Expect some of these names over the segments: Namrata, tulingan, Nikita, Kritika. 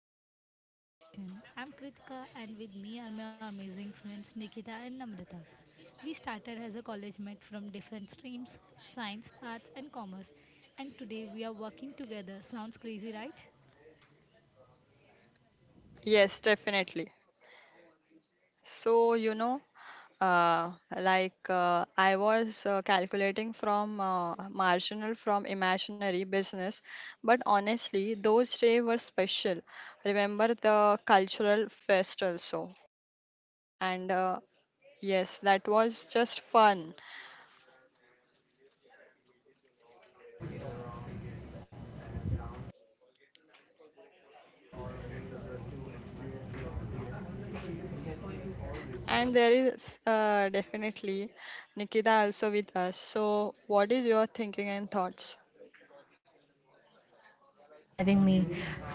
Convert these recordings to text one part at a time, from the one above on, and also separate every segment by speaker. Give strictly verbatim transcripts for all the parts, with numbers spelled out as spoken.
Speaker 1: From Campus to Collaboration. I'm Kritika and with me are my amazing friends Nikita and Namrata. We started as a college mate from different streams, science, arts and commerce and today we are working together. Sounds crazy, right?
Speaker 2: Yes, definitely. So, you know, uh, like uh, I was uh, calculating from uh, marginal from imaginary business, but honestly, those days were special. Remember the cultural fest also. And uh, yes, that was just fun. And there is uh, definitely Nikita also with us. So, what is your thinking and thoughts?
Speaker 3: For having me.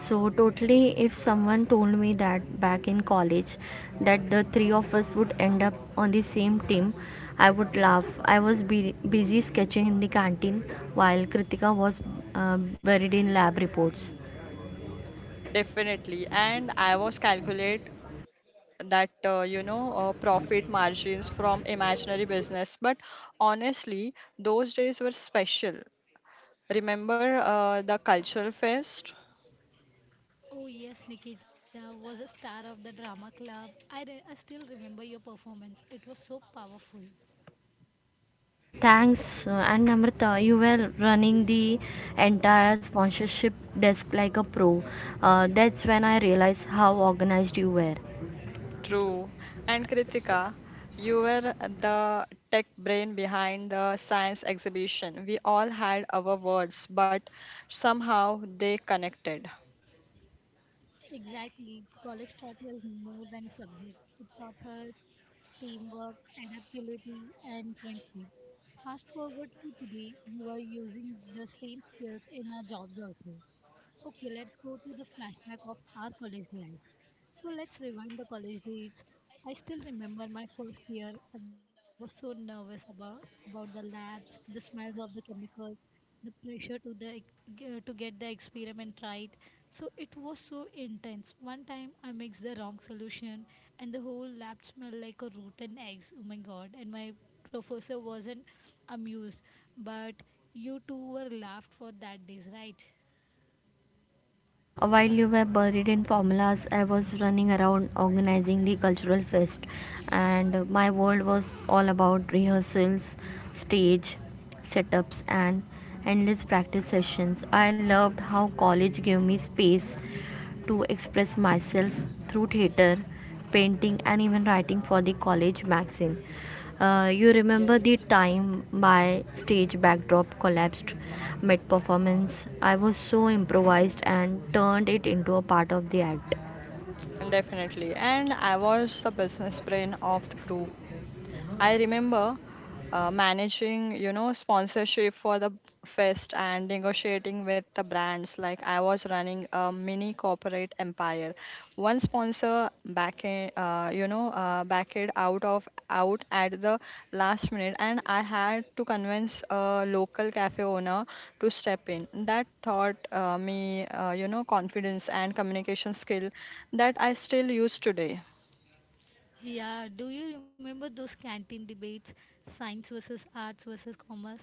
Speaker 3: So, totally, if someone told me that back in college that the three of us would end up on the same team, I would laugh. I was bu- busy sketching in the canteen while Kritika was uh, buried in lab reports.
Speaker 2: Definitely. And I was calculate that uh, you know uh, profit margins from imaginary business, but honestly those days were special. Remember uh, the cultural fest.
Speaker 1: Oh yes, Nikita was a star of the drama club. I, re- I still remember your performance. It was so powerful.
Speaker 3: Thanks, uh, and Namrata, you were running the entire sponsorship desk like a pro. Uh, that's when I realized how organized you were.
Speaker 2: True, and Kritika, you were the tech brain behind the science exhibition. We all had our words, but somehow they connected.
Speaker 1: Exactly. College taught her more than subject. It taught her teamwork, adaptability, and friendship. Fast forward to today, we are using the same skills in our jobs also. Okay, let's go to the flashback of our college life. So let's rewind the college days. I still remember my first year. I was so nervous about about the labs, the smells of the chemicals, the pressure to the ex- g- to get the experiment right. So it was so intense. One time I mixed the wrong solution and the whole lab smelled like a rotten eggs. Oh my god. And my professor wasn't amused. But you two were laughed for that days, right?
Speaker 3: While you were buried in formulas, I was running around organizing the cultural fest, and my world was all about rehearsals, stage setups, and endless practice sessions. I loved how college gave me space to express myself through theater, painting, and even writing for the college magazine. Uh, you remember
Speaker 2: Yes,
Speaker 3: the time my stage backdrop collapsed mid performance? I was so improvised and turned it into a part of the act.
Speaker 2: definitely. And I was the business brain of the group. I remember uh, managing, you know, sponsorship for the fest and negotiating with the brands. Like I was running a mini corporate empire. One sponsor back, uh, you know, uh, backed out of out at the last minute, and I had to convince a local cafe owner to step in. That taught uh, me, uh, you know, confidence and communication skill that I still use today.
Speaker 1: Yeah, do you remember those canteen debates, science versus arts versus commerce?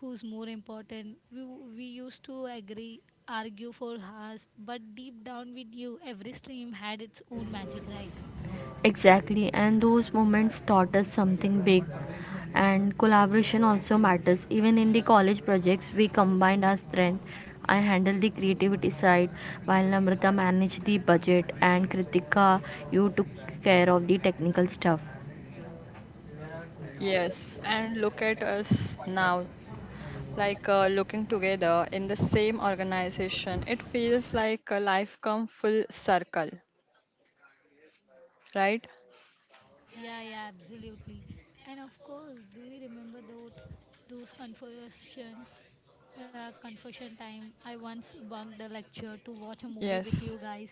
Speaker 1: Who's more important? We, we used to agree, argue for hours, but deep down we knew every stream had its own magic, right?
Speaker 3: Exactly, and those moments taught us something big. And collaboration also matters. Even in the college projects, we combined our strength. I handled the creativity side, while Namrata managed the budget, and Kritika, you took care of the technical stuff.
Speaker 2: Yes, and look at us now. like uh, looking together in the same organization, it feels like a life come full circle, right?
Speaker 1: Yeah, yeah, absolutely. And of course, do you remember those those confessions, uh, confession time? I once bunked a lecture to watch a movie with you
Speaker 2: Yes,
Speaker 1: guys.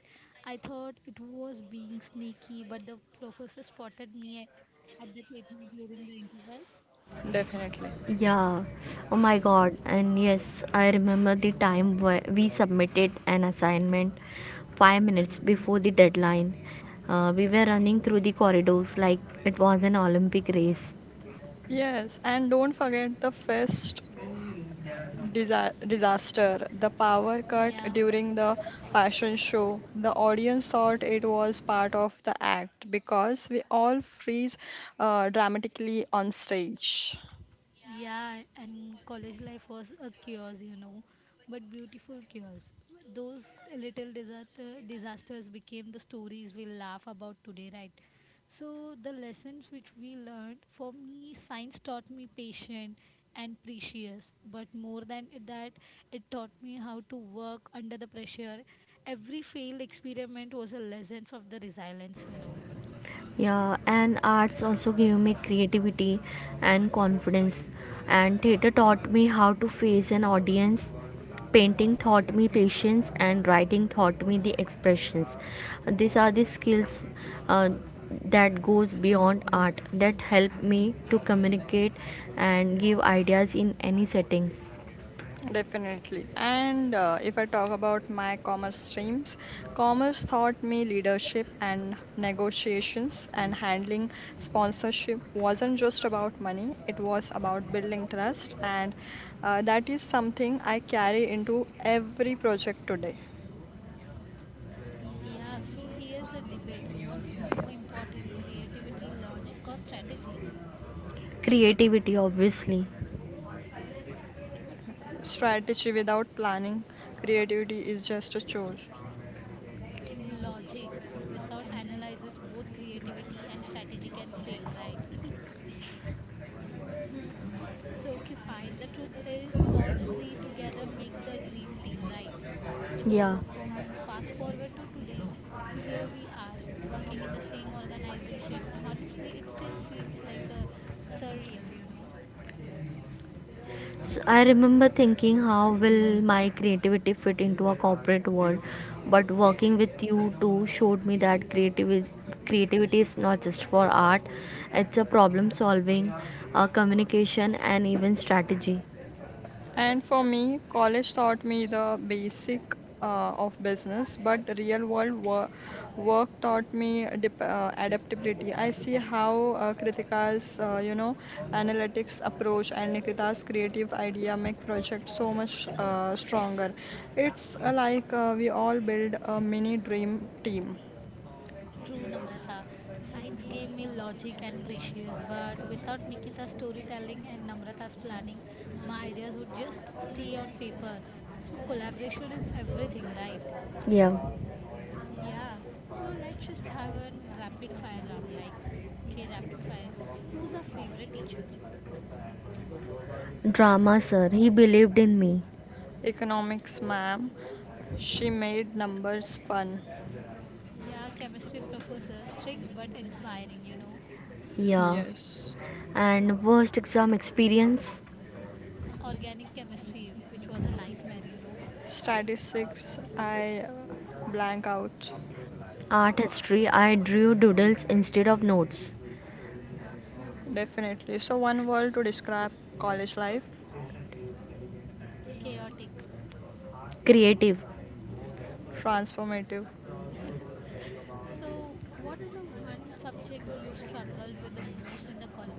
Speaker 1: I thought it was being sneaky, but the professor spotted me at the theater during the interval.
Speaker 2: definitely.
Speaker 3: Yeah, oh my god, and yes, I remember the time where we submitted an assignment five minutes before the deadline. Uh, we were running through the corridors like it was an Olympic race.
Speaker 2: Yes, and don't forget the first disa- disaster, the power cut
Speaker 1: Yeah,
Speaker 2: during the fashion show. The audience thought it was part of the act because we all freeze uh, dramatically on stage.
Speaker 1: yeah, and college life was a chaos, you know, but beautiful chaos. Those little disaster, disasters became the stories we laugh about today, right? So, the lessons which we learned for me, science taught me patient and precious, but more than that, it taught me how to work under the pressure. Every failed experiment was a lesson of the resilience, you know.
Speaker 3: Yeah, and arts also gave me creativity and confidence. And theater taught me how to face an audience. Painting taught me patience, and writing taught me the expressions. These are the skills uh, that goes beyond art that help me to communicate and give ideas in any settings.
Speaker 2: Definitely. And uh, if I talk about my commerce streams, commerce taught me leadership and negotiations, and handling sponsorship wasn't just about money, it was about building trust. And uh, that is something I carry into every project today.
Speaker 1: Yeah, so here's a debate. What's more important, creativity, logic, or strategy?
Speaker 3: Creativity, obviously.
Speaker 2: Strategy without planning, creativity is just a chore.
Speaker 1: Logic. Without analysis, both creativity and strategy can fail, right? So, okay, fine. The truth is, all the three together makes the dream team, right?
Speaker 3: Yeah.
Speaker 1: So, from fast forward to today, here we are working in the same organization. Honestly, it still feels like a surreal, you know.
Speaker 3: So I remember thinking, how will my creativity fit into a corporate world? But working with you two showed me that creativity creativity is not just for art; it's a problem solving, uh, communication, and even strategy.
Speaker 2: And for me, college taught me the basic uh, of business, but real world wor work taught me dip uh, adaptability. I see how uh, Kritika's, uh, you know, analytics approach and Nikita's creative idea make projects so much uh, stronger. It's uh, like uh, we all build a mini dream team.
Speaker 1: True, Namrata. Science gave me logic and precious, but without Nikita's storytelling and Namrata's planning, my ideas would just stay on paper. So, collaboration is everything, right?
Speaker 3: Yeah,
Speaker 1: Yeah. So, let's just have a rapid fire round like, okay, rapid fire. Who's our favorite teacher?
Speaker 3: drama, sir. He believed in me.
Speaker 2: Economics ma'am, she made numbers fun.
Speaker 1: Yeah, chemistry professor, strict but inspiring, you know.
Speaker 3: Yeah,
Speaker 2: Yes.
Speaker 3: and worst exam experience,
Speaker 1: Organic chemistry, which was a nightmare, you know.
Speaker 2: Statistics, I uh, blank out.
Speaker 3: art history. I drew doodles instead of notes.
Speaker 2: Definitely. So, one word to describe college life:
Speaker 1: Chaotic.
Speaker 3: Creative.
Speaker 2: transformative.
Speaker 1: So, what's the one subject you struggled with the most in the college?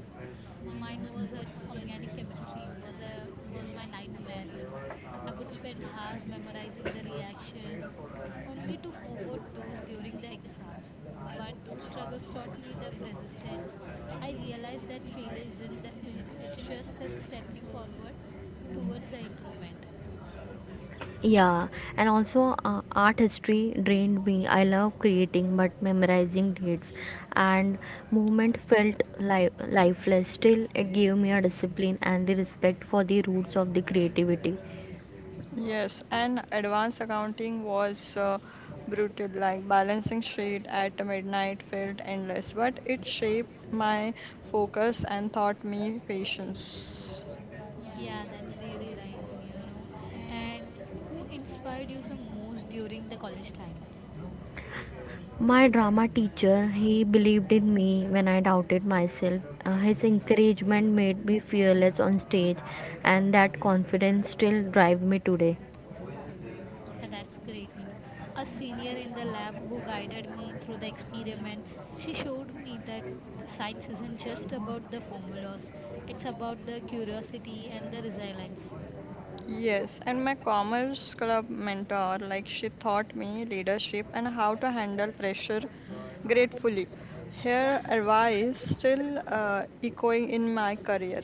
Speaker 1: Mine was an organic chemistry. Was a was my nightmare. You know, I would spend hours memorizing the reactions, only to forget those during the exams. But those struggles taught me the persistence. I realized that failure isn't the end. It's just a stepping forward towards the improvement.
Speaker 3: Yeah, and also uh, art history drained me. I love creating, but memorizing dates and movement felt li- lifeless. Still, it gave me a discipline and the respect for the roots of the creativity.
Speaker 2: Yes, and advanced accounting was uh, brutal. Like balancing sheet at midnight felt endless, but it shaped my focus and taught me patience.
Speaker 1: Yeah, that's really nice, you know. And who inspired you the most during the college times?
Speaker 3: My drama teacher, he believed in me when I doubted myself. Uh, his encouragement made me fearless on stage, and that confidence still drives me today.
Speaker 1: Yeah, that's great, you know. A senior in the lab who guided me through the experiment, she showed me that the science isn't just about the formulas, it's about the curiosity and the resilience.
Speaker 2: Yes, and my commerce club mentor, like she taught me leadership and how to handle pressure gratefully. Her advice still uh, echoing in my career.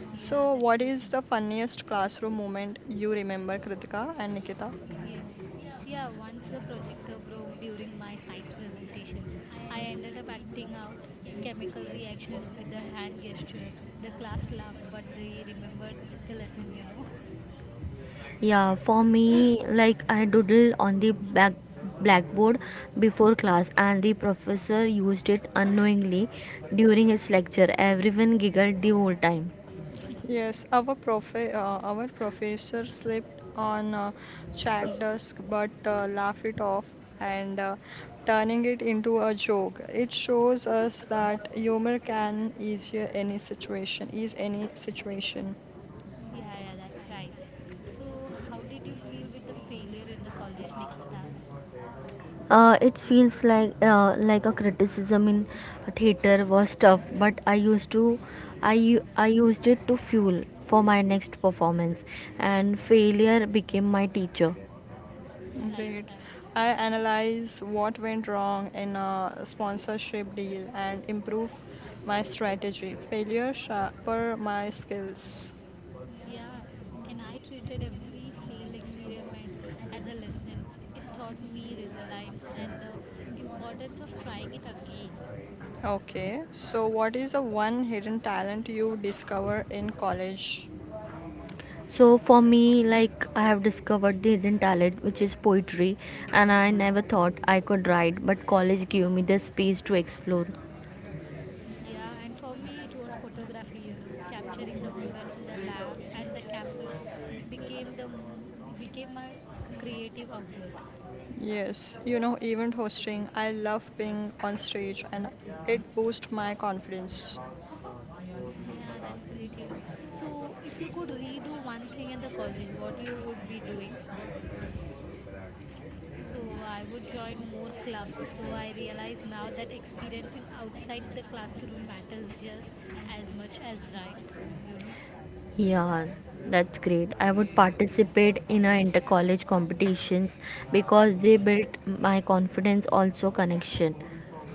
Speaker 1: Yeah,
Speaker 2: So,
Speaker 1: that's
Speaker 2: what
Speaker 1: great. You know.
Speaker 2: is the funniest classroom moment you remember, Kritika and Nikita?
Speaker 1: Yeah. Yeah, once the projector broke during my science presentation, I ended up acting out chemical reactions with the hand gesture. The class laughed, but they remembered the lesson, you know.
Speaker 3: Yeah, for me, like I doodled on the back blackboard before class, and the professor used it unknowingly during his lecture. Everyone giggled the whole time.
Speaker 2: Yes, our prof uh, our professor slipped on a chalk desk, but uh, laughed it off and uh, turning it into a joke. It shows us that humor can ease any situation, ease any situation.
Speaker 1: Yeah, yeah, that's right. So, how did you feel with the failure in the college, Nikita?
Speaker 3: Uh, it feels like uh, like a criticism in theater was tough, but I used to, I u- I used it to fuel for my next performance, and failure became my teacher.
Speaker 1: Right,
Speaker 2: Great.
Speaker 1: right.
Speaker 2: I analyze what went wrong in a sponsorship deal and improve my strategy. Failure sharper my skills.
Speaker 1: Yeah, and I treated every failed experiment as a lesson. It taught me resilience and the importance of trying it again.
Speaker 2: Okay, so what is the one hidden talent you discover in college?
Speaker 3: So for me, like I have discovered the hidden talent, which is poetry, and I never thought I could write, but college gave me the space to explore.
Speaker 1: Yeah, and for me, it was photography, you know, capturing the moments in the lab and the campus became the m- became my creative outlet.
Speaker 2: Yes, you know, event hosting. I love being on stage and it boosts my confidence.
Speaker 1: Yeah, that's great, you know. So, if you could redo one thing in the college, what you would be doing? So, I would join more clubs. So, I realize now that experiencing outside the classroom matters just as much as right, um, you know.
Speaker 3: Yeah, that's great. I would participate in a inter-college competitions because they built my confidence, also connection.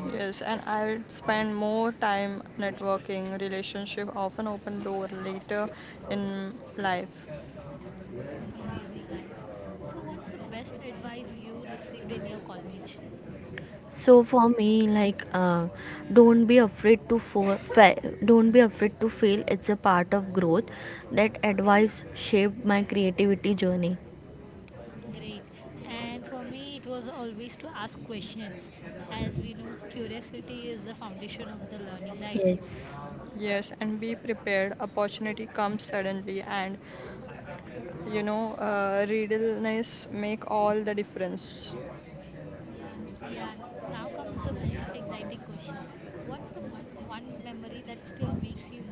Speaker 2: Yes, and I'll spend more time networking, relationship, often open door later in life.
Speaker 1: Amazing, guys. So, what's the best advice you received in your college?
Speaker 3: So for me, like, uh, don't be afraid to for, fa- don't be afraid to fail. It's a part of growth. That advice shaped my creativity journey.
Speaker 1: Great. And for me, it was always to ask questions. As we know, curiosity is the foundation of the learning, right?
Speaker 3: Yes.
Speaker 2: Yes, and be prepared. Opportunity comes suddenly, and you know, uh, readiness make all the difference.
Speaker 1: Yeah, n- now comes the most exciting question. What's the m- one memory that still makes you emotional?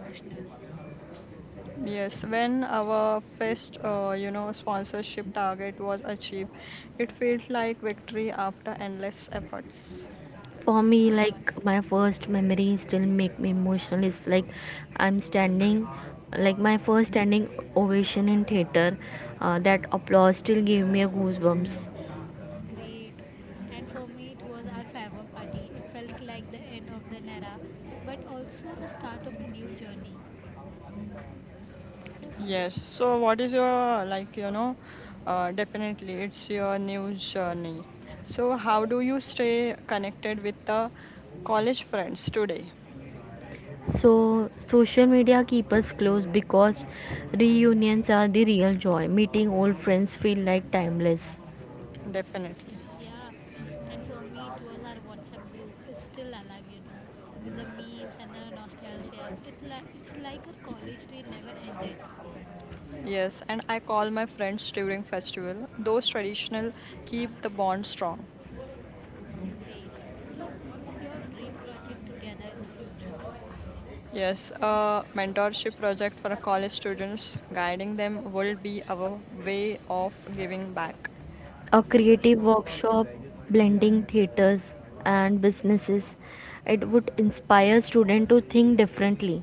Speaker 2: Yes, when our first, uh, you know, sponsorship target was achieved, it felt like victory after endless efforts.
Speaker 1: Oh
Speaker 3: For
Speaker 1: my
Speaker 3: me,
Speaker 1: god.
Speaker 3: like my first memory still make me emotional is like i'm standing like my first standing ovation in theater. Uh, that applause still gave me a goosebumps.
Speaker 1: Great. And for me, it was our farewell party. It felt like the end of the era, but also the start of a new journey.
Speaker 2: Yes. So, what is your like? You know, uh, definitely, it's your new journey. So, how do you stay connected with the college friends today?
Speaker 3: So social media keep us close because reunions are the real joy, meeting old friends feel like timeless.
Speaker 2: Definitely.
Speaker 1: Yeah, and for me, it was our WhatsApp group is still alive, you know, with the memes and the nostalgia. It li- it's like our college day never ended.
Speaker 2: Yes, and I call my friends during festival. Those traditional keep the bond strong.
Speaker 1: Great. So, what's your dream project together in the future?
Speaker 2: Yes, a mentorship project for college students, guiding them will be our way of giving back.
Speaker 3: A
Speaker 1: Great,
Speaker 3: creative
Speaker 1: great.
Speaker 3: workshop blending theaters and businesses, it would inspire students to think differently.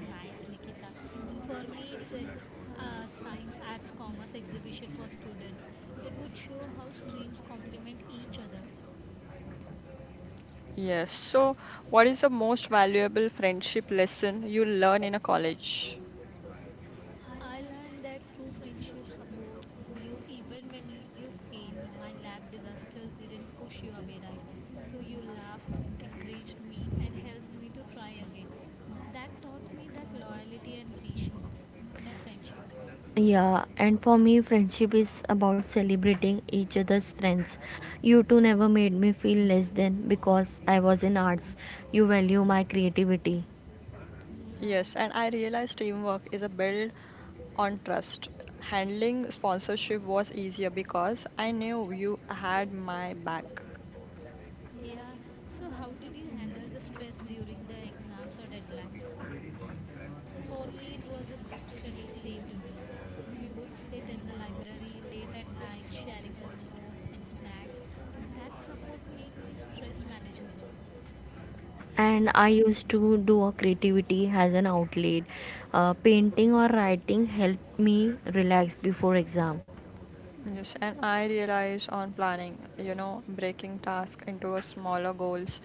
Speaker 1: Nice, Nikita. And for me, it's an uh, science, arts, commerce exhibition for students. It would show how streams complement each other.
Speaker 2: Yes, so what is the most valuable friendship lesson you learn in a college?
Speaker 1: I learned that true friendship supports you even when you fail. My lab disasters didn't push you away, right? So you laughed, encouraged me, and helped me to try again. That taught me that loyalty and patience in a friendship.
Speaker 3: Yeah, and for me, friendship is about celebrating each other's strengths. You two never made me feel less than because I was in arts. You value my creativity.
Speaker 1: Yeah,
Speaker 2: Yes, and I realized teamwork is a build on trust. Handling sponsorship was easier because I knew you had my back.
Speaker 1: yeah. So, how did you handle the stress during the exams or deadlines? So for me, it was a group study saved me. We would sit in the library late at night, sharing the notes and snacks. That support made me stress manageable.
Speaker 3: And I used to do a creativity as an outlet. Uh, painting or writing helped me relax before exam.
Speaker 2: Yes, and I realize on planning, you know, breaking tasks into a smaller goals,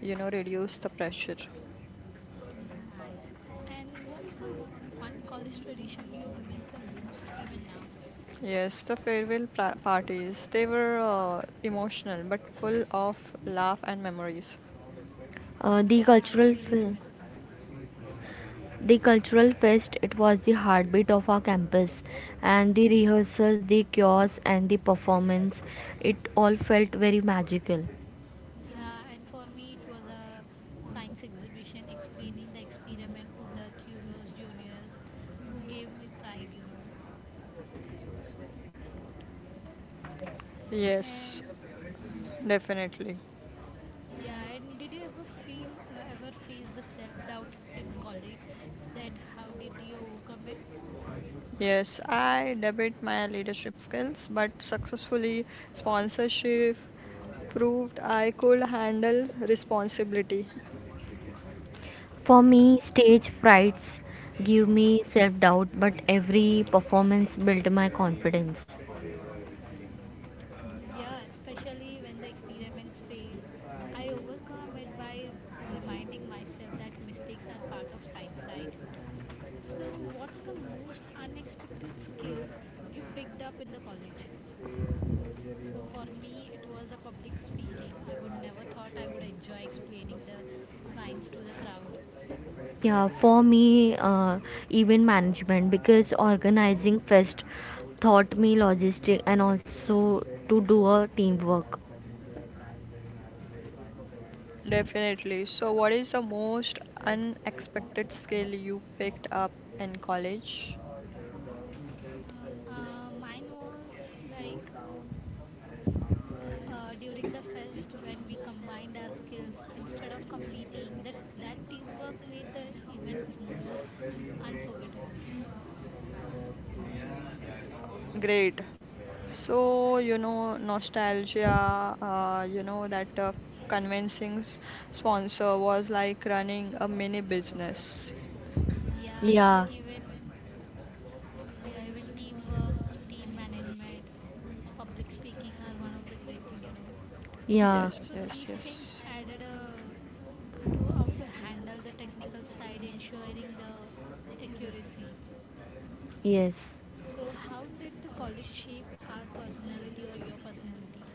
Speaker 2: you know, reduce the pressure.
Speaker 1: Nice. And what's the one college tradition you miss the most even now?
Speaker 2: Yes, the farewell pra- parties, they were uh, emotional but full of laugh and memories.
Speaker 3: Uh, the
Speaker 1: Yeah, I
Speaker 3: cultural
Speaker 1: still even
Speaker 3: fe-
Speaker 1: miss now.
Speaker 3: the cultural fest, it was the heartbeat of our campus, and the rehearsals, the chaos, and the performance, it all felt very magical.
Speaker 1: Yeah, and for me, it was a science exhibition explaining the experiment to the kudos juniors who gave me pride, you know.
Speaker 2: Yes,
Speaker 1: And, mhm.
Speaker 2: definitely.
Speaker 1: Yeah, and did you ever feel, uh, ever face the self doubt in college? That how did you overcome it?
Speaker 2: Yes, I debit my leadership skills, but successfully sponsorship proved I could handle responsibility.
Speaker 3: For me, stage frights give me self doubt, but every performance built my confidence.
Speaker 1: Yeah, especially when the experiments fails, I overcome it by reminding myself that mistakes are part of science, right? So, what's the most unexpected skills you picked up in the college? So for me, it was the public speaking. I would never thought I would enjoy explaining the science to the crowd.
Speaker 3: Yeah, for me, uh, event management because organizing fest taught me logistic and also to do a teamwork.
Speaker 2: Definitely. So, what is the most unexpected skill you picked up in college?
Speaker 1: Uh, mine was like uh, during the fest when we combined our skills instead of competing that that teamwork made the event more unforgettable.
Speaker 2: Great. So, you know, nostalgia, uh, you know, that uh, convincing s- sponsor was like running a mini business.
Speaker 1: Yeah,
Speaker 3: Yeah,
Speaker 1: even yeah even teamwork, team management, public speaking are one of the great thing, you know.
Speaker 3: yeah,
Speaker 2: Yes,
Speaker 1: So
Speaker 2: yes,
Speaker 1: these
Speaker 2: yes.
Speaker 1: things added uh, to how to handle the technical side ensuring the accuracy.
Speaker 3: yes.
Speaker 1: So how did the college shape our personality or your personality?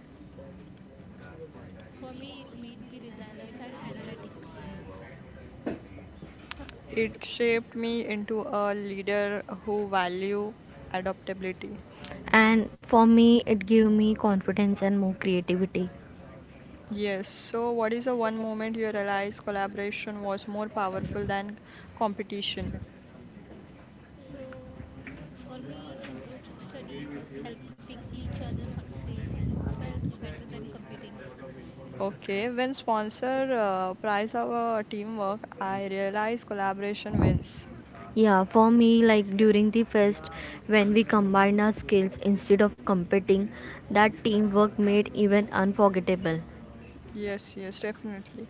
Speaker 1: For me, it might be resilient and analytical.
Speaker 2: It shaped me into a leader who value adaptability.
Speaker 3: And for me, it gave me confidence and more creativity.
Speaker 2: Yes. So, what is the one moment you realized collaboration was more powerful than competition?
Speaker 1: So, for me, in group studies, helping each other succeed felt better than competing.
Speaker 2: Okay. When sponsor uh, prize our teamwork, I realize collaboration wins.
Speaker 3: Yeah, for me, like during the fest, when we combine our skills instead of competing, that teamwork made even unforgettable.
Speaker 2: Yes. Yes. Definitely.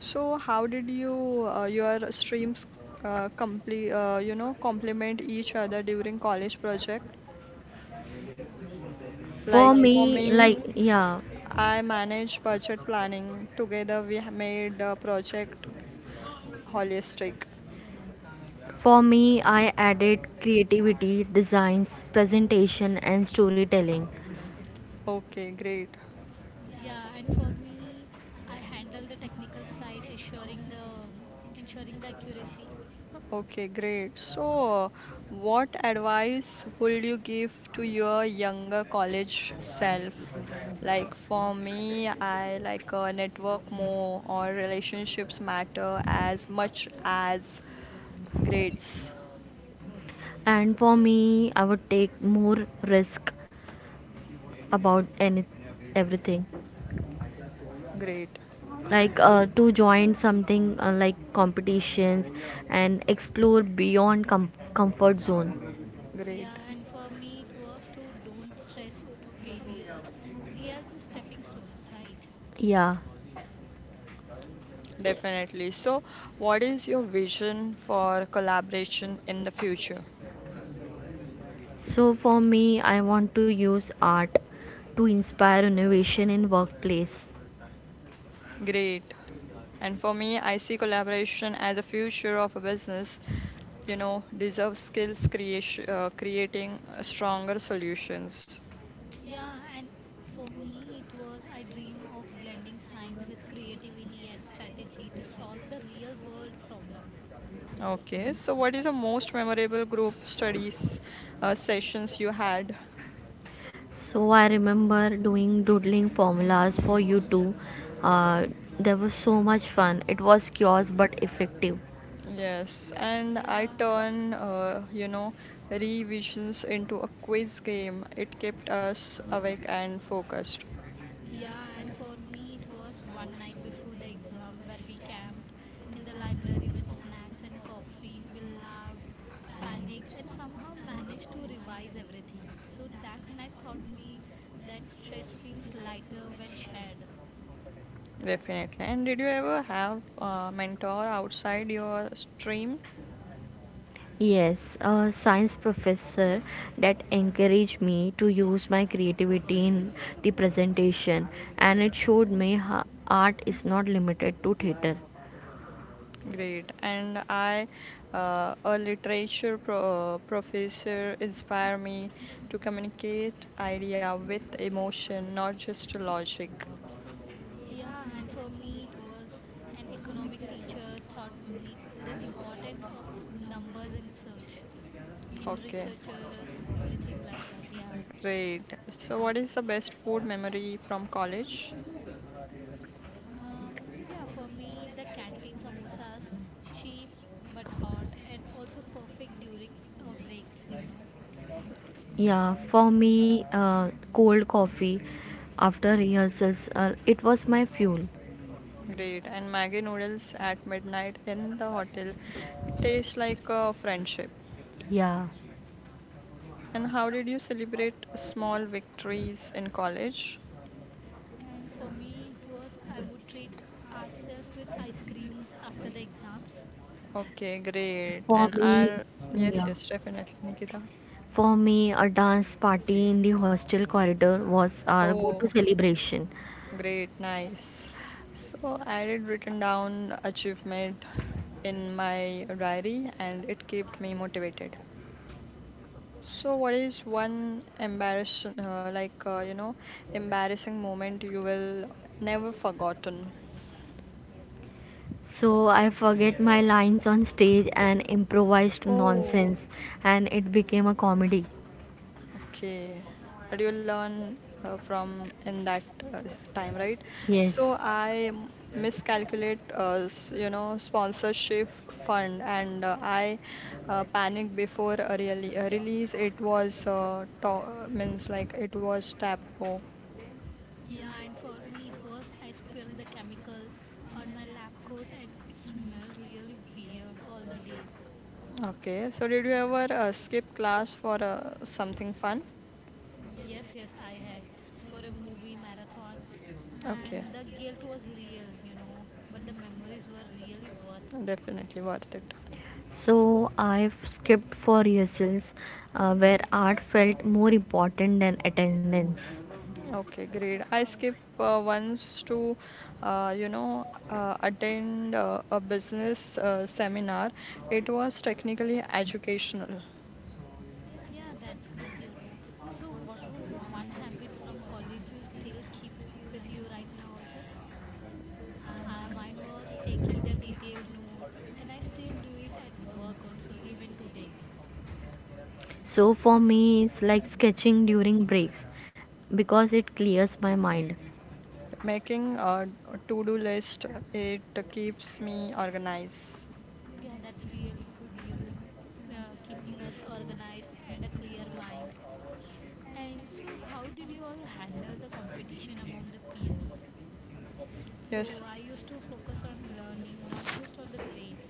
Speaker 2: So, how did you uh, your streams uh, complete? Uh, you know, complement each other during college project.
Speaker 3: For
Speaker 2: Like for
Speaker 3: me,
Speaker 2: me,
Speaker 3: like, yeah,
Speaker 2: I manage budget planning. Together, we ha- made a project holistic.
Speaker 3: for me, I added creativity, designs, presentation, and storytelling.
Speaker 2: Okay, great.
Speaker 1: Yeah, and for me, I handle the technical side, assuring the ensuring the accuracy.
Speaker 2: Okay, great. So, what advice would you give to your younger college self? Like for me, I like uh, network more or relationships matter as much as grades.
Speaker 3: And for me, I would take more risk about any everything,
Speaker 2: Great,
Speaker 3: like uh, to join something uh, like competitions and explore beyond com- comfort zone.
Speaker 2: great.
Speaker 1: Yeah, and for me, it was to don't stress over failures. They are just stepping stones, right?
Speaker 3: Yeah.
Speaker 2: Definitely. So, what is your vision for collaboration in the future?
Speaker 3: So for me, I want to use art to inspire innovation in workplace.
Speaker 2: Great. And for me, I see collaboration as a future of a business, you know, deserve skills creation, uh, creating uh, stronger solutions.
Speaker 1: Yeah, and for me, it was I dream of blending science with creativity and strategy to solve the real world problem.
Speaker 2: Okay, so what is the most memorable group studies uh, sessions you had?
Speaker 3: So I remember doing doodling formulas for you too. Uh, there was so much fun. It was chaos but effective.
Speaker 2: Yes, and I
Speaker 1: Yeah,
Speaker 2: turn uh, you know revisions into a quiz game. It kept us awake and focused.
Speaker 1: yeah, and for me, it was one night before the exam where we camped in the library with snacks and coffee. We laughed, panicked, and somehow managed to revise everything. So that night taught me that stress feels lighter when shared.
Speaker 2: Definitely. And did you ever have a mentor outside your stream?
Speaker 3: Yes, a science professor that encouraged me to use my creativity in the presentation, and it showed me how art is not limited to theater.
Speaker 2: Great. And I, uh, a literature pro- uh, professor, inspire me to communicate idea with emotion, not just logic.
Speaker 1: Yeah, and for me, it was an economic teacher taught me the importance of numbers in search, in
Speaker 2: Okay.
Speaker 1: researchers, everything like that. Yeah.
Speaker 2: Great. So, what is the best food memory from college?
Speaker 1: Um, yeah, for me, the canteen samosas, cheap but hot, and also perfect during uh, breaks, you know.
Speaker 3: Yeah, for me, uh, cold coffee after rehearsals, uh, it was my fuel.
Speaker 2: Great. And Maggie noodles at midnight in the hotel. It tastes like a friendship.
Speaker 3: Yeah,
Speaker 2: And how did you celebrate small victories in college?
Speaker 1: And for me, it was I would treat ourselves with ice creams after the exams.
Speaker 2: Okay, great.
Speaker 3: for
Speaker 2: And
Speaker 3: me,
Speaker 2: I'll, yes,
Speaker 3: yeah,
Speaker 2: yes, definitely, Nikita.
Speaker 3: for me, a dance party in the hostel corridor was our
Speaker 2: Oh.
Speaker 3: go-to celebration.
Speaker 2: Great, nice. So I did written down achievement in my diary and it kept me motivated. So what is one embarrassing, uh, like uh, you know, embarrassing moment you will never forgotten?
Speaker 3: So I forget my lines on stage and improvised
Speaker 2: Oh,
Speaker 3: nonsense, and it became a comedy.
Speaker 2: okay, what you learn uh, from in that uh, time, right?
Speaker 3: Yes.
Speaker 2: So I m- miscalculate, uh, s- you know, sponsorship fund, and uh, I uh, panic before a really a release. It was uh, to uh, means like it was tapo.
Speaker 1: Yeah, and for me it was I spilled the chemicals on my lab coat and it smelled really weird all the day.
Speaker 2: Okay, so did you ever uh, skip class for uh, something fun?
Speaker 1: Yes, yes, I had for a movie marathon
Speaker 2: Okay,
Speaker 1: and the guilt was real, you know, but the memories were really worth.
Speaker 2: definitely worth it.
Speaker 3: So I've skipped for rehearsals, uh, where art felt more important than attendance.
Speaker 2: Okay, great.
Speaker 1: Of
Speaker 2: I skip
Speaker 1: course.
Speaker 2: uh, once to, uh, you know, uh, attend uh, a business uh, seminar. It was technically educational.
Speaker 1: Yeah, that's great, you know. So what was the one habit from college you still keep with you right now also? Uh, mine was taking the detailed note and I still do it at work also even today.
Speaker 3: So for me, it's like sketching during breaks because it clears my mind.
Speaker 2: Making a to-do list, it keeps me organized.
Speaker 1: Yeah, that's really good, you know, uh, keeping us organized and a clear mind. And so, how did you all handle the competition among the peers?
Speaker 2: Yes,
Speaker 1: So, I used to focus on learning, not just on the grades.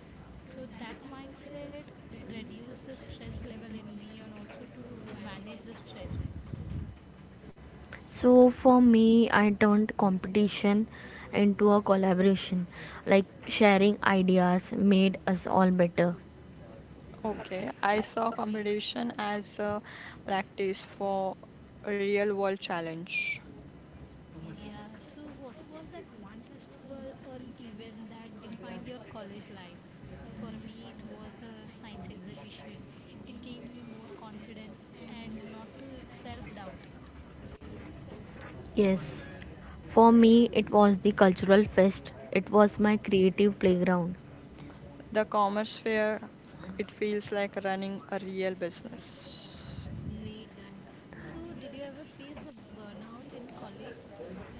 Speaker 1: So, that mindset reduced the stress level in me and also to manage the stress.
Speaker 3: So for me, I turned competition into a collaboration, like sharing ideas made us all better.
Speaker 2: okay. I saw
Speaker 1: Great.
Speaker 2: competition as a practice for a real-world challenge.
Speaker 1: Yeah, so what was that one festival or event that defined your college life? For me, it was the science exhibition. It gave me more confidence and not to self doubt.
Speaker 3: Yes, for me, it was the cultural fest, it was my creative playground.
Speaker 2: The commerce fair, it feels like running a real business.
Speaker 1: Great guy. So, did you ever face a burnout in college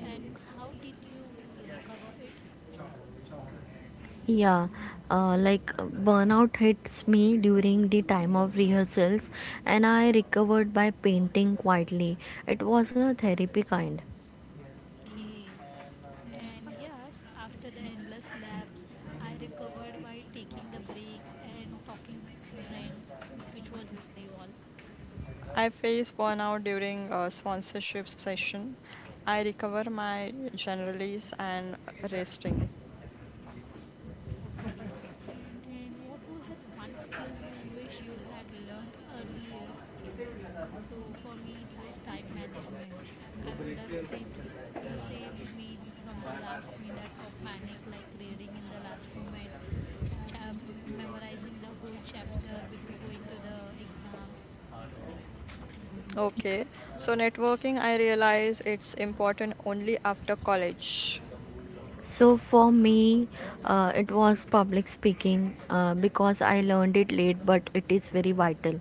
Speaker 1: and how did you recover it?
Speaker 3: Yeah, uh, like burnout hits me during the time of rehearsals, and I recovered by painting quietly. It was a therapy kind.
Speaker 1: Okay. And yes, after the endless labs, I recovered by taking the breaks and talking to friends, which was you all.
Speaker 2: I face burnout during a sponsorship session. I recover my generalies and resting.
Speaker 1: Okay. And what was that one skill you wish you had learned earlier? So for me, it was time management. I would have saved uh, saved me from the last minute of panic, like reading in the last moment, cha- memorizing the whole chapter before going to the exam.
Speaker 2: Okay, so networking, I realize it's important only after college.
Speaker 3: So for me, uh, it was public speaking uh, because I learned it late, but it is very vital.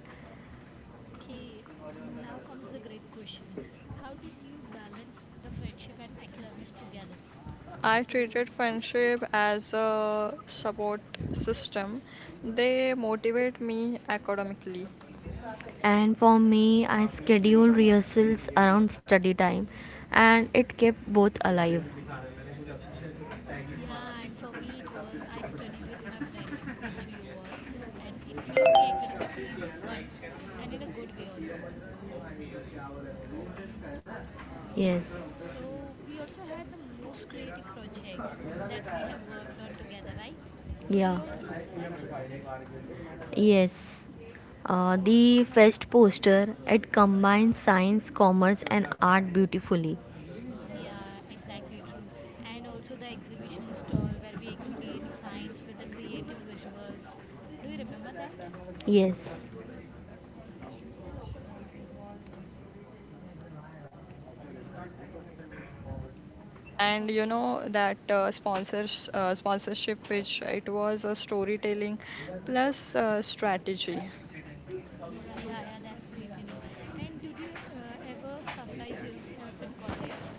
Speaker 1: Okay. Now comes the great question: How did you balance the friendship and academics together?
Speaker 2: I
Speaker 1: So.
Speaker 2: treated friendship as a support system. They motivate me academically.
Speaker 3: And for me, I schedule rehearsals around study time, and it kept both alive.
Speaker 1: Yeah, and for me it was I studied with my friends, which you all, and it made me academically fun and in a good way also.
Speaker 3: Yes,
Speaker 1: So we also had the most creative project that we have worked on together, right? So do you all
Speaker 3: yeah,
Speaker 1: remember that?
Speaker 3: yes. Uh, the fest poster, it combines science, commerce, and art beautifully.
Speaker 1: Yeah, exactly true. And also the exhibition stall where we explained science with the creative visuals. Do you remember that?
Speaker 3: Yes.
Speaker 2: And
Speaker 1: Oh
Speaker 2: you
Speaker 1: yeah.
Speaker 2: know that uh, sponsors uh, sponsorship, which it was a storytelling plus uh, strategy.
Speaker 1: Yeah, yeah, that's great, you know. And did you uh, ever surprise yourself in college?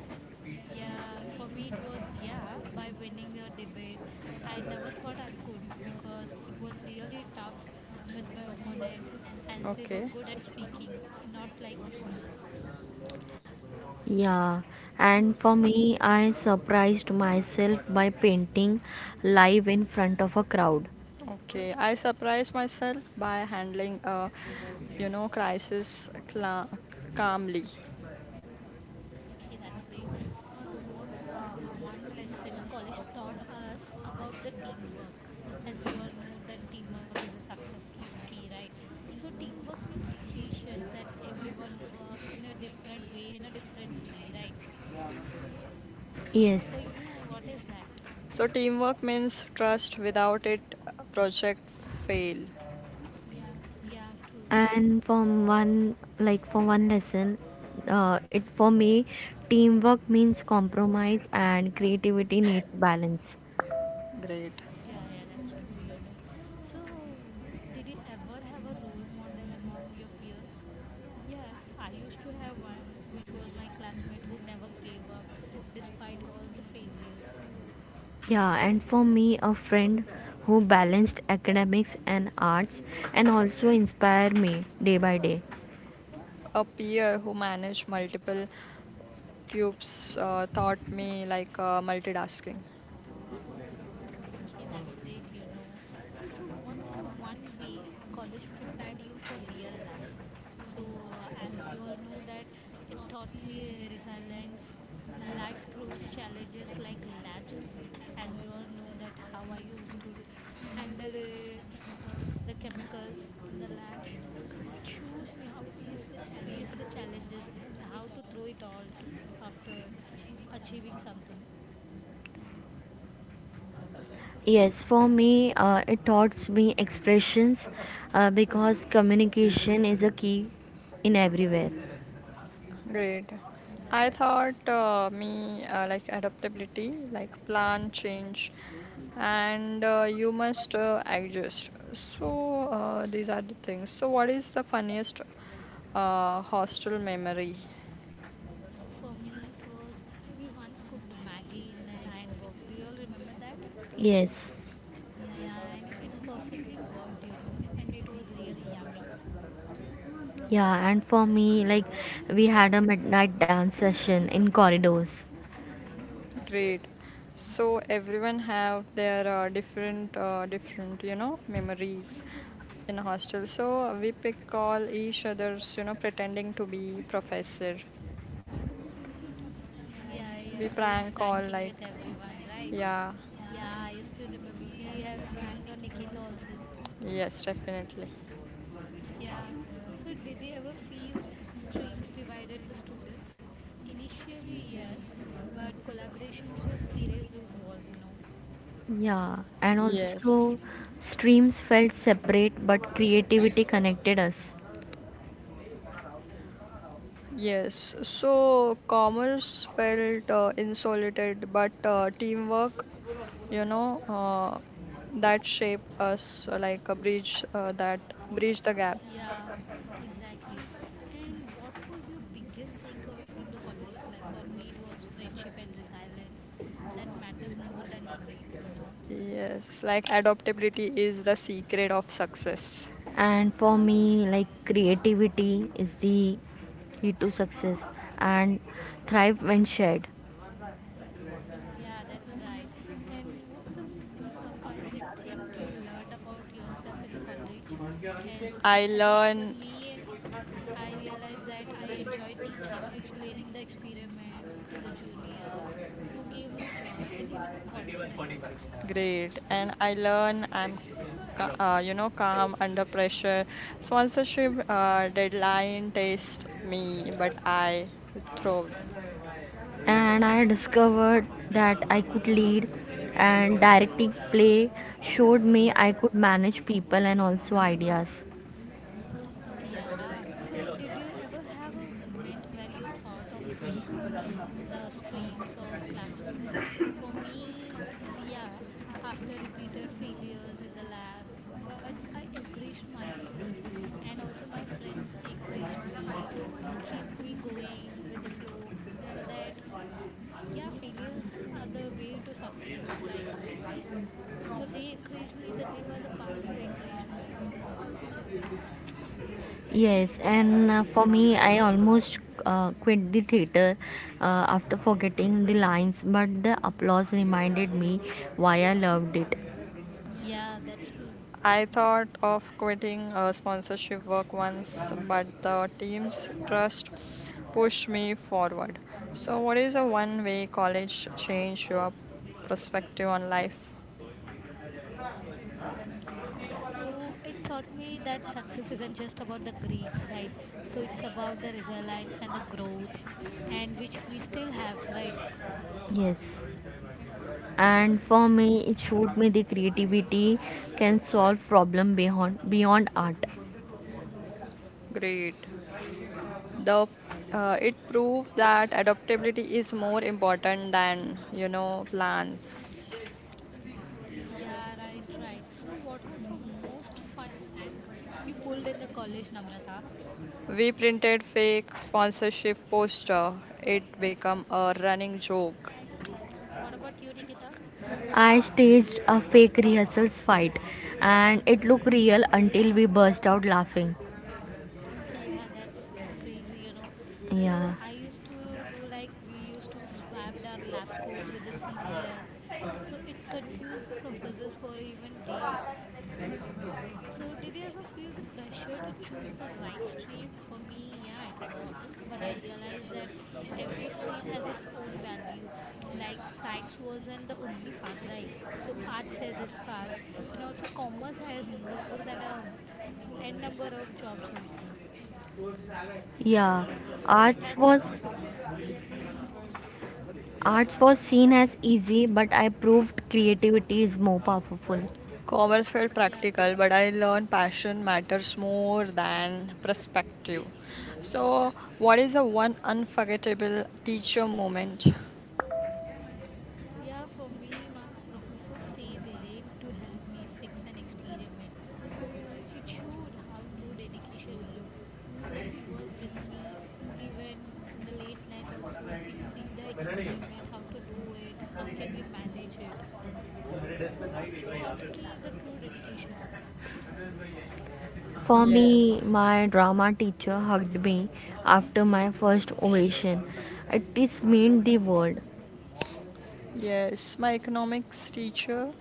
Speaker 1: Yeah, for me it was yeah by winning the debate. I never thought I could because it was really tough with my opponent as they were
Speaker 2: Okay.
Speaker 1: good at speaking, not like me.
Speaker 3: Yeah, and for me, I surprised myself by painting live in front of a crowd.
Speaker 2: Okay, I surprise myself by handling a, you know, crisis cla calmly.
Speaker 1: Okay, that's great. So, what was one lesson college taught us about the teamwork? As we all know that teamwork is a success of key, right? So, teamwork means patience that everyone works in a different way, in a differently, right?
Speaker 3: Yes,
Speaker 1: For you, what is that?
Speaker 2: So teamwork means trust. Without it, a project fail.
Speaker 1: Yeah, true.
Speaker 3: and for one like for one lesson, uh, it for me, teamwork means compromise and creativity needs balance.
Speaker 2: Great.
Speaker 1: Yeah, yeah, that's true, you know. So, did you ever have a role model among your peers? Yes, I used to have one, which was my classmate who never gave up despite all the failures.
Speaker 3: Yeah, and for me, a friend who balanced academics and arts and also inspired me day by day.
Speaker 2: A peer who manage multiple cubes uh, taught me like uh, multitasking.
Speaker 1: Okay, that's great, you know. So, what's the one way college prepared you for real life? So, uh, as we all know that it taught me uh, resilience. Life throws challenges like labs did. As we all know that how I used to handle uh, the chemicals in the lab. So, it shows me how to face the challenges and how to throw it all to after achieving something.
Speaker 3: Yes, for me, uh, it taught me expressions uh, because communication is a key in everywhere.
Speaker 2: Great.
Speaker 1: Right.
Speaker 2: I thought uh, me uh, like adaptability, like plan change, and uh, you must uh, adjust. So uh, these are the things. So what is the funniest Uh, hostel memory.
Speaker 1: So for me, it was we once cooked Maggie in an iron box. Do you all remember that?
Speaker 3: Yes,
Speaker 1: Yeah, and it perfectly worked, you know, and it was really yummy.
Speaker 3: yeah, and for me, like we had a midnight dance session in corridors.
Speaker 2: Great. So everyone have their uh, different, uh, different, you know, memories in hostel. So we pick call each other's, you know, pretending to be professor.
Speaker 1: Yeah, yeah,
Speaker 2: We
Speaker 1: doing
Speaker 2: prank call
Speaker 1: pranking with
Speaker 2: like,
Speaker 1: everyone, right?
Speaker 2: yeah,
Speaker 1: Yeah, I used to remember we had pranked on Nikita also.
Speaker 2: yes, definitely.
Speaker 1: Yeah. So did they ever feel streams divided the students? Initially, yes, but collaboration just erased those walls, you know.
Speaker 3: Yeah, and
Speaker 2: Yes.
Speaker 3: also streams felt separate, but creativity connected us.
Speaker 2: Yes, so commerce felt uh, insulated, but uh, teamwork, you know, uh, that shaped us uh, like a bridge uh, that bridged the gap.
Speaker 1: Yeah, exactly. And what was your biggest takeaway from the college life? For me, it was friendship and resilience that matters more than the grades, you know.
Speaker 2: Yes, like adaptability is the secret of success.
Speaker 3: And for me, like creativity is the key to success and thrive when shared.
Speaker 1: Yeah, that's right. And what's the most surprising thing you learned about yourself in the college? As
Speaker 2: I
Speaker 1: as of for
Speaker 2: learn.
Speaker 1: me, I realized that I enjoy teaching, explaining the experiment to the juniors, who gave me joy and even confidence.
Speaker 2: Great, and I learn I'm ca- uh, you know calm under pressure. Sponsorship uh, deadline test me, but I thrived.
Speaker 3: And I discovered that I could lead, and directing play showed me I could manage people and also ideas.
Speaker 1: Yeah. So, did you ever have a moment where you thought of quitting the streams or classroom? For me, it's yeah, after repeated failures in the lab, but I encouraged myself and also my friends encouraged me to keep me going with the flow so that yeah, failures are the way to success also, right? So they encouraged me that they were the part who encouraged me more.
Speaker 3: Yes, and uh, for me, I almost uh, quit the theater uh, after forgetting the lines, but the applause reminded me why I loved it.
Speaker 1: Yeah, that's true.
Speaker 2: I thought of quitting uh, sponsorship work once, but the team's trust pushed me forward. So, what is a one way college change your perspective on life?
Speaker 1: So it taught me that success isn't just about the grades, right? So it's about the resilience and the growth, and which we still have, right?
Speaker 3: Yes. And for me, it showed me the creativity can solve problem beyond beyond art.
Speaker 2: Great. The uh, it proved that adaptability is more important than, you know, plans.
Speaker 1: Yeah, right, right. So what was the most fun prank you pulled in the college, Namrata?
Speaker 2: We printed fake sponsorship poster. It became a running joke.
Speaker 1: What about you, Nikita?
Speaker 3: I staged a fake rehearsals fight and it looked real until we burst out laughing.
Speaker 1: Yeah, that's crazy, you know. So
Speaker 3: Yeah.
Speaker 1: I used to do like we used to swap our lab coats with the seniors. So it confused the professors for even days. So, did you ever feel the pressure to choose the right stream? For me, yeah, it was. But I realized that every stream has its own value. Like, science wasn't the only path, right? So, arts has its part. And also, commerce has more than a n number of jobs, also.
Speaker 3: Yeah.
Speaker 1: So, it has
Speaker 3: Arts
Speaker 1: lots
Speaker 3: was
Speaker 1: of sources.
Speaker 3: arts was seen as easy but I proved creativity is more powerful.
Speaker 2: Commerce felt
Speaker 1: Yeah, true.
Speaker 2: practical, but I learned passion matters more than perspective. So what is the one unforgettable teacher moment?
Speaker 1: Yeah, for me, my professor stayed late to help me fix an experiment. So it showed how true dedication looks. So he was with me even in the late night, also fixing the experiment, how to do it, how can we manage it. So it taught me the true dedication.
Speaker 3: For me,
Speaker 2: Yes.
Speaker 3: my drama teacher hugged me after my first ovation. It is meant the world.
Speaker 2: Yes, my economics teacher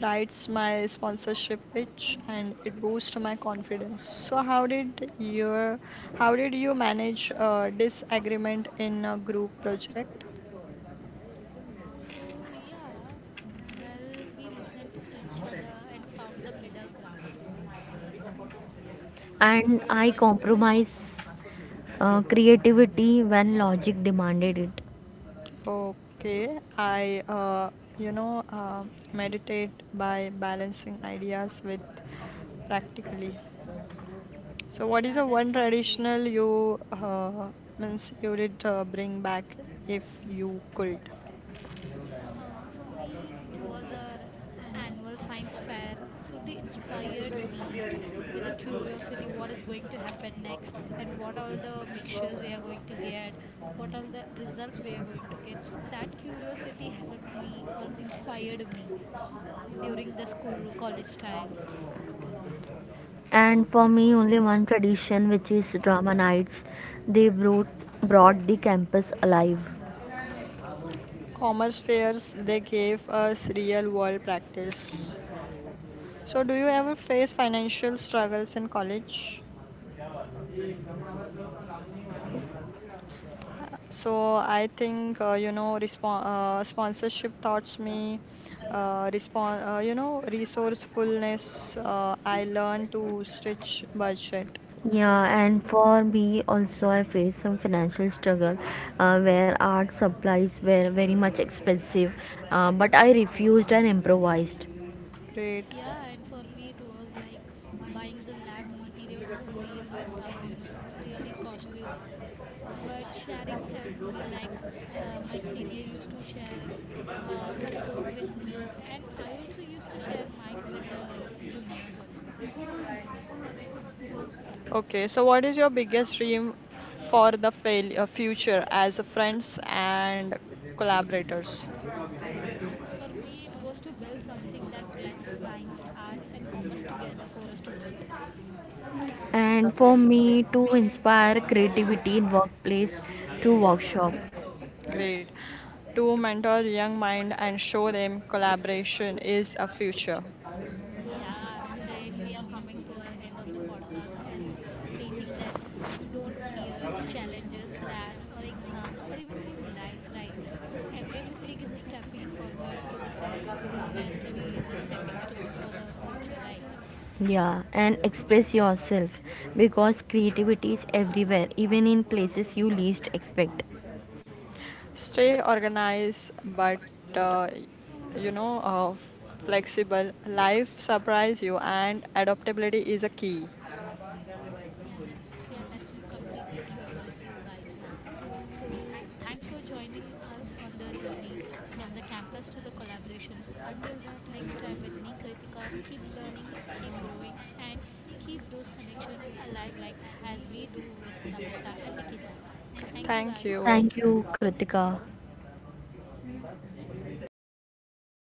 Speaker 2: writes my sponsorship pitch and it boosts my confidence. So how did your how did you manage uh, disagreement in a group project?
Speaker 1: So, yeah, well, we listened to each other and found the middle ground.
Speaker 3: And I
Speaker 1: That, oh,
Speaker 3: compromised uh, creativity when logic demanded it.
Speaker 2: Okay, I uh, you know uh, meditate by balancing ideas with practically. So what is
Speaker 1: yeah,
Speaker 2: the
Speaker 1: that
Speaker 2: one
Speaker 1: sounds great.
Speaker 2: traditional you uh, means you did uh, bring back if you could?
Speaker 1: Uh, for me, it was our annual science fair. So they inspired me with the curiosity what is going to happen next and what all the mixtures we are going to get, what all the results we are going to get. So that curiosity helped me or inspired me during the school college times.
Speaker 3: And for me, only one tradition, which is drama nights. They brought brought the campus alive.
Speaker 2: Commerce fairs, they gave us real world practice. So, do you
Speaker 1: Yeah.
Speaker 2: ever face financial struggles in college? So, I think, uh, you know, respon uh, sponsorship taught me uh, respon uh, you know, resourcefulness. Uh, I learned to stretch budget.
Speaker 3: Yeah, and for me also, I faced some financial struggle uh, where art supplies were very much expensive, uh, but I refused and improvised.
Speaker 2: Great.
Speaker 1: Yeah, and for me it was like buying the lab materials was really tough, you know, it was really costly also. But sharing helped me, like uh, my senior used to share uh, her coat with me, and I also used to share mine with the juniors also.
Speaker 2: Okay, so what is your biggest dream for the fail uh, future as a friends and collaborators?
Speaker 1: For me, it was to build something that blends science, arts, and commerce together for a student.
Speaker 3: And for
Speaker 2: Okay,
Speaker 3: me to inspire creativity in workplace through workshop.
Speaker 2: great. To mentor young mind and show them collaboration is a future.
Speaker 1: Yeah, to the end, we are coming to our end of the podcast as stating that don't fear challenges, labs, or exams, or even in life, right? So every mistake is a stepping forward to the ste- known as to be the stepping stones for the future, right?
Speaker 3: Yeah, and express yourself because creativity is everywhere, even in places you least expect.
Speaker 2: Stay organized, but uh, you know, uh, f- flexible. Life surprise you, and adaptability is a key.
Speaker 1: Yeah, that's completely true with you guys here. So, thanks for joining us on the journey from the campus to the collaborations. Until that, next time with me, Kritika, keep learning, keep growing, and keep those connections alive, like as we do with Namrata and Nikita. Thank you,
Speaker 2: Thank
Speaker 1: guys.
Speaker 2: you.
Speaker 3: Thank you Krittika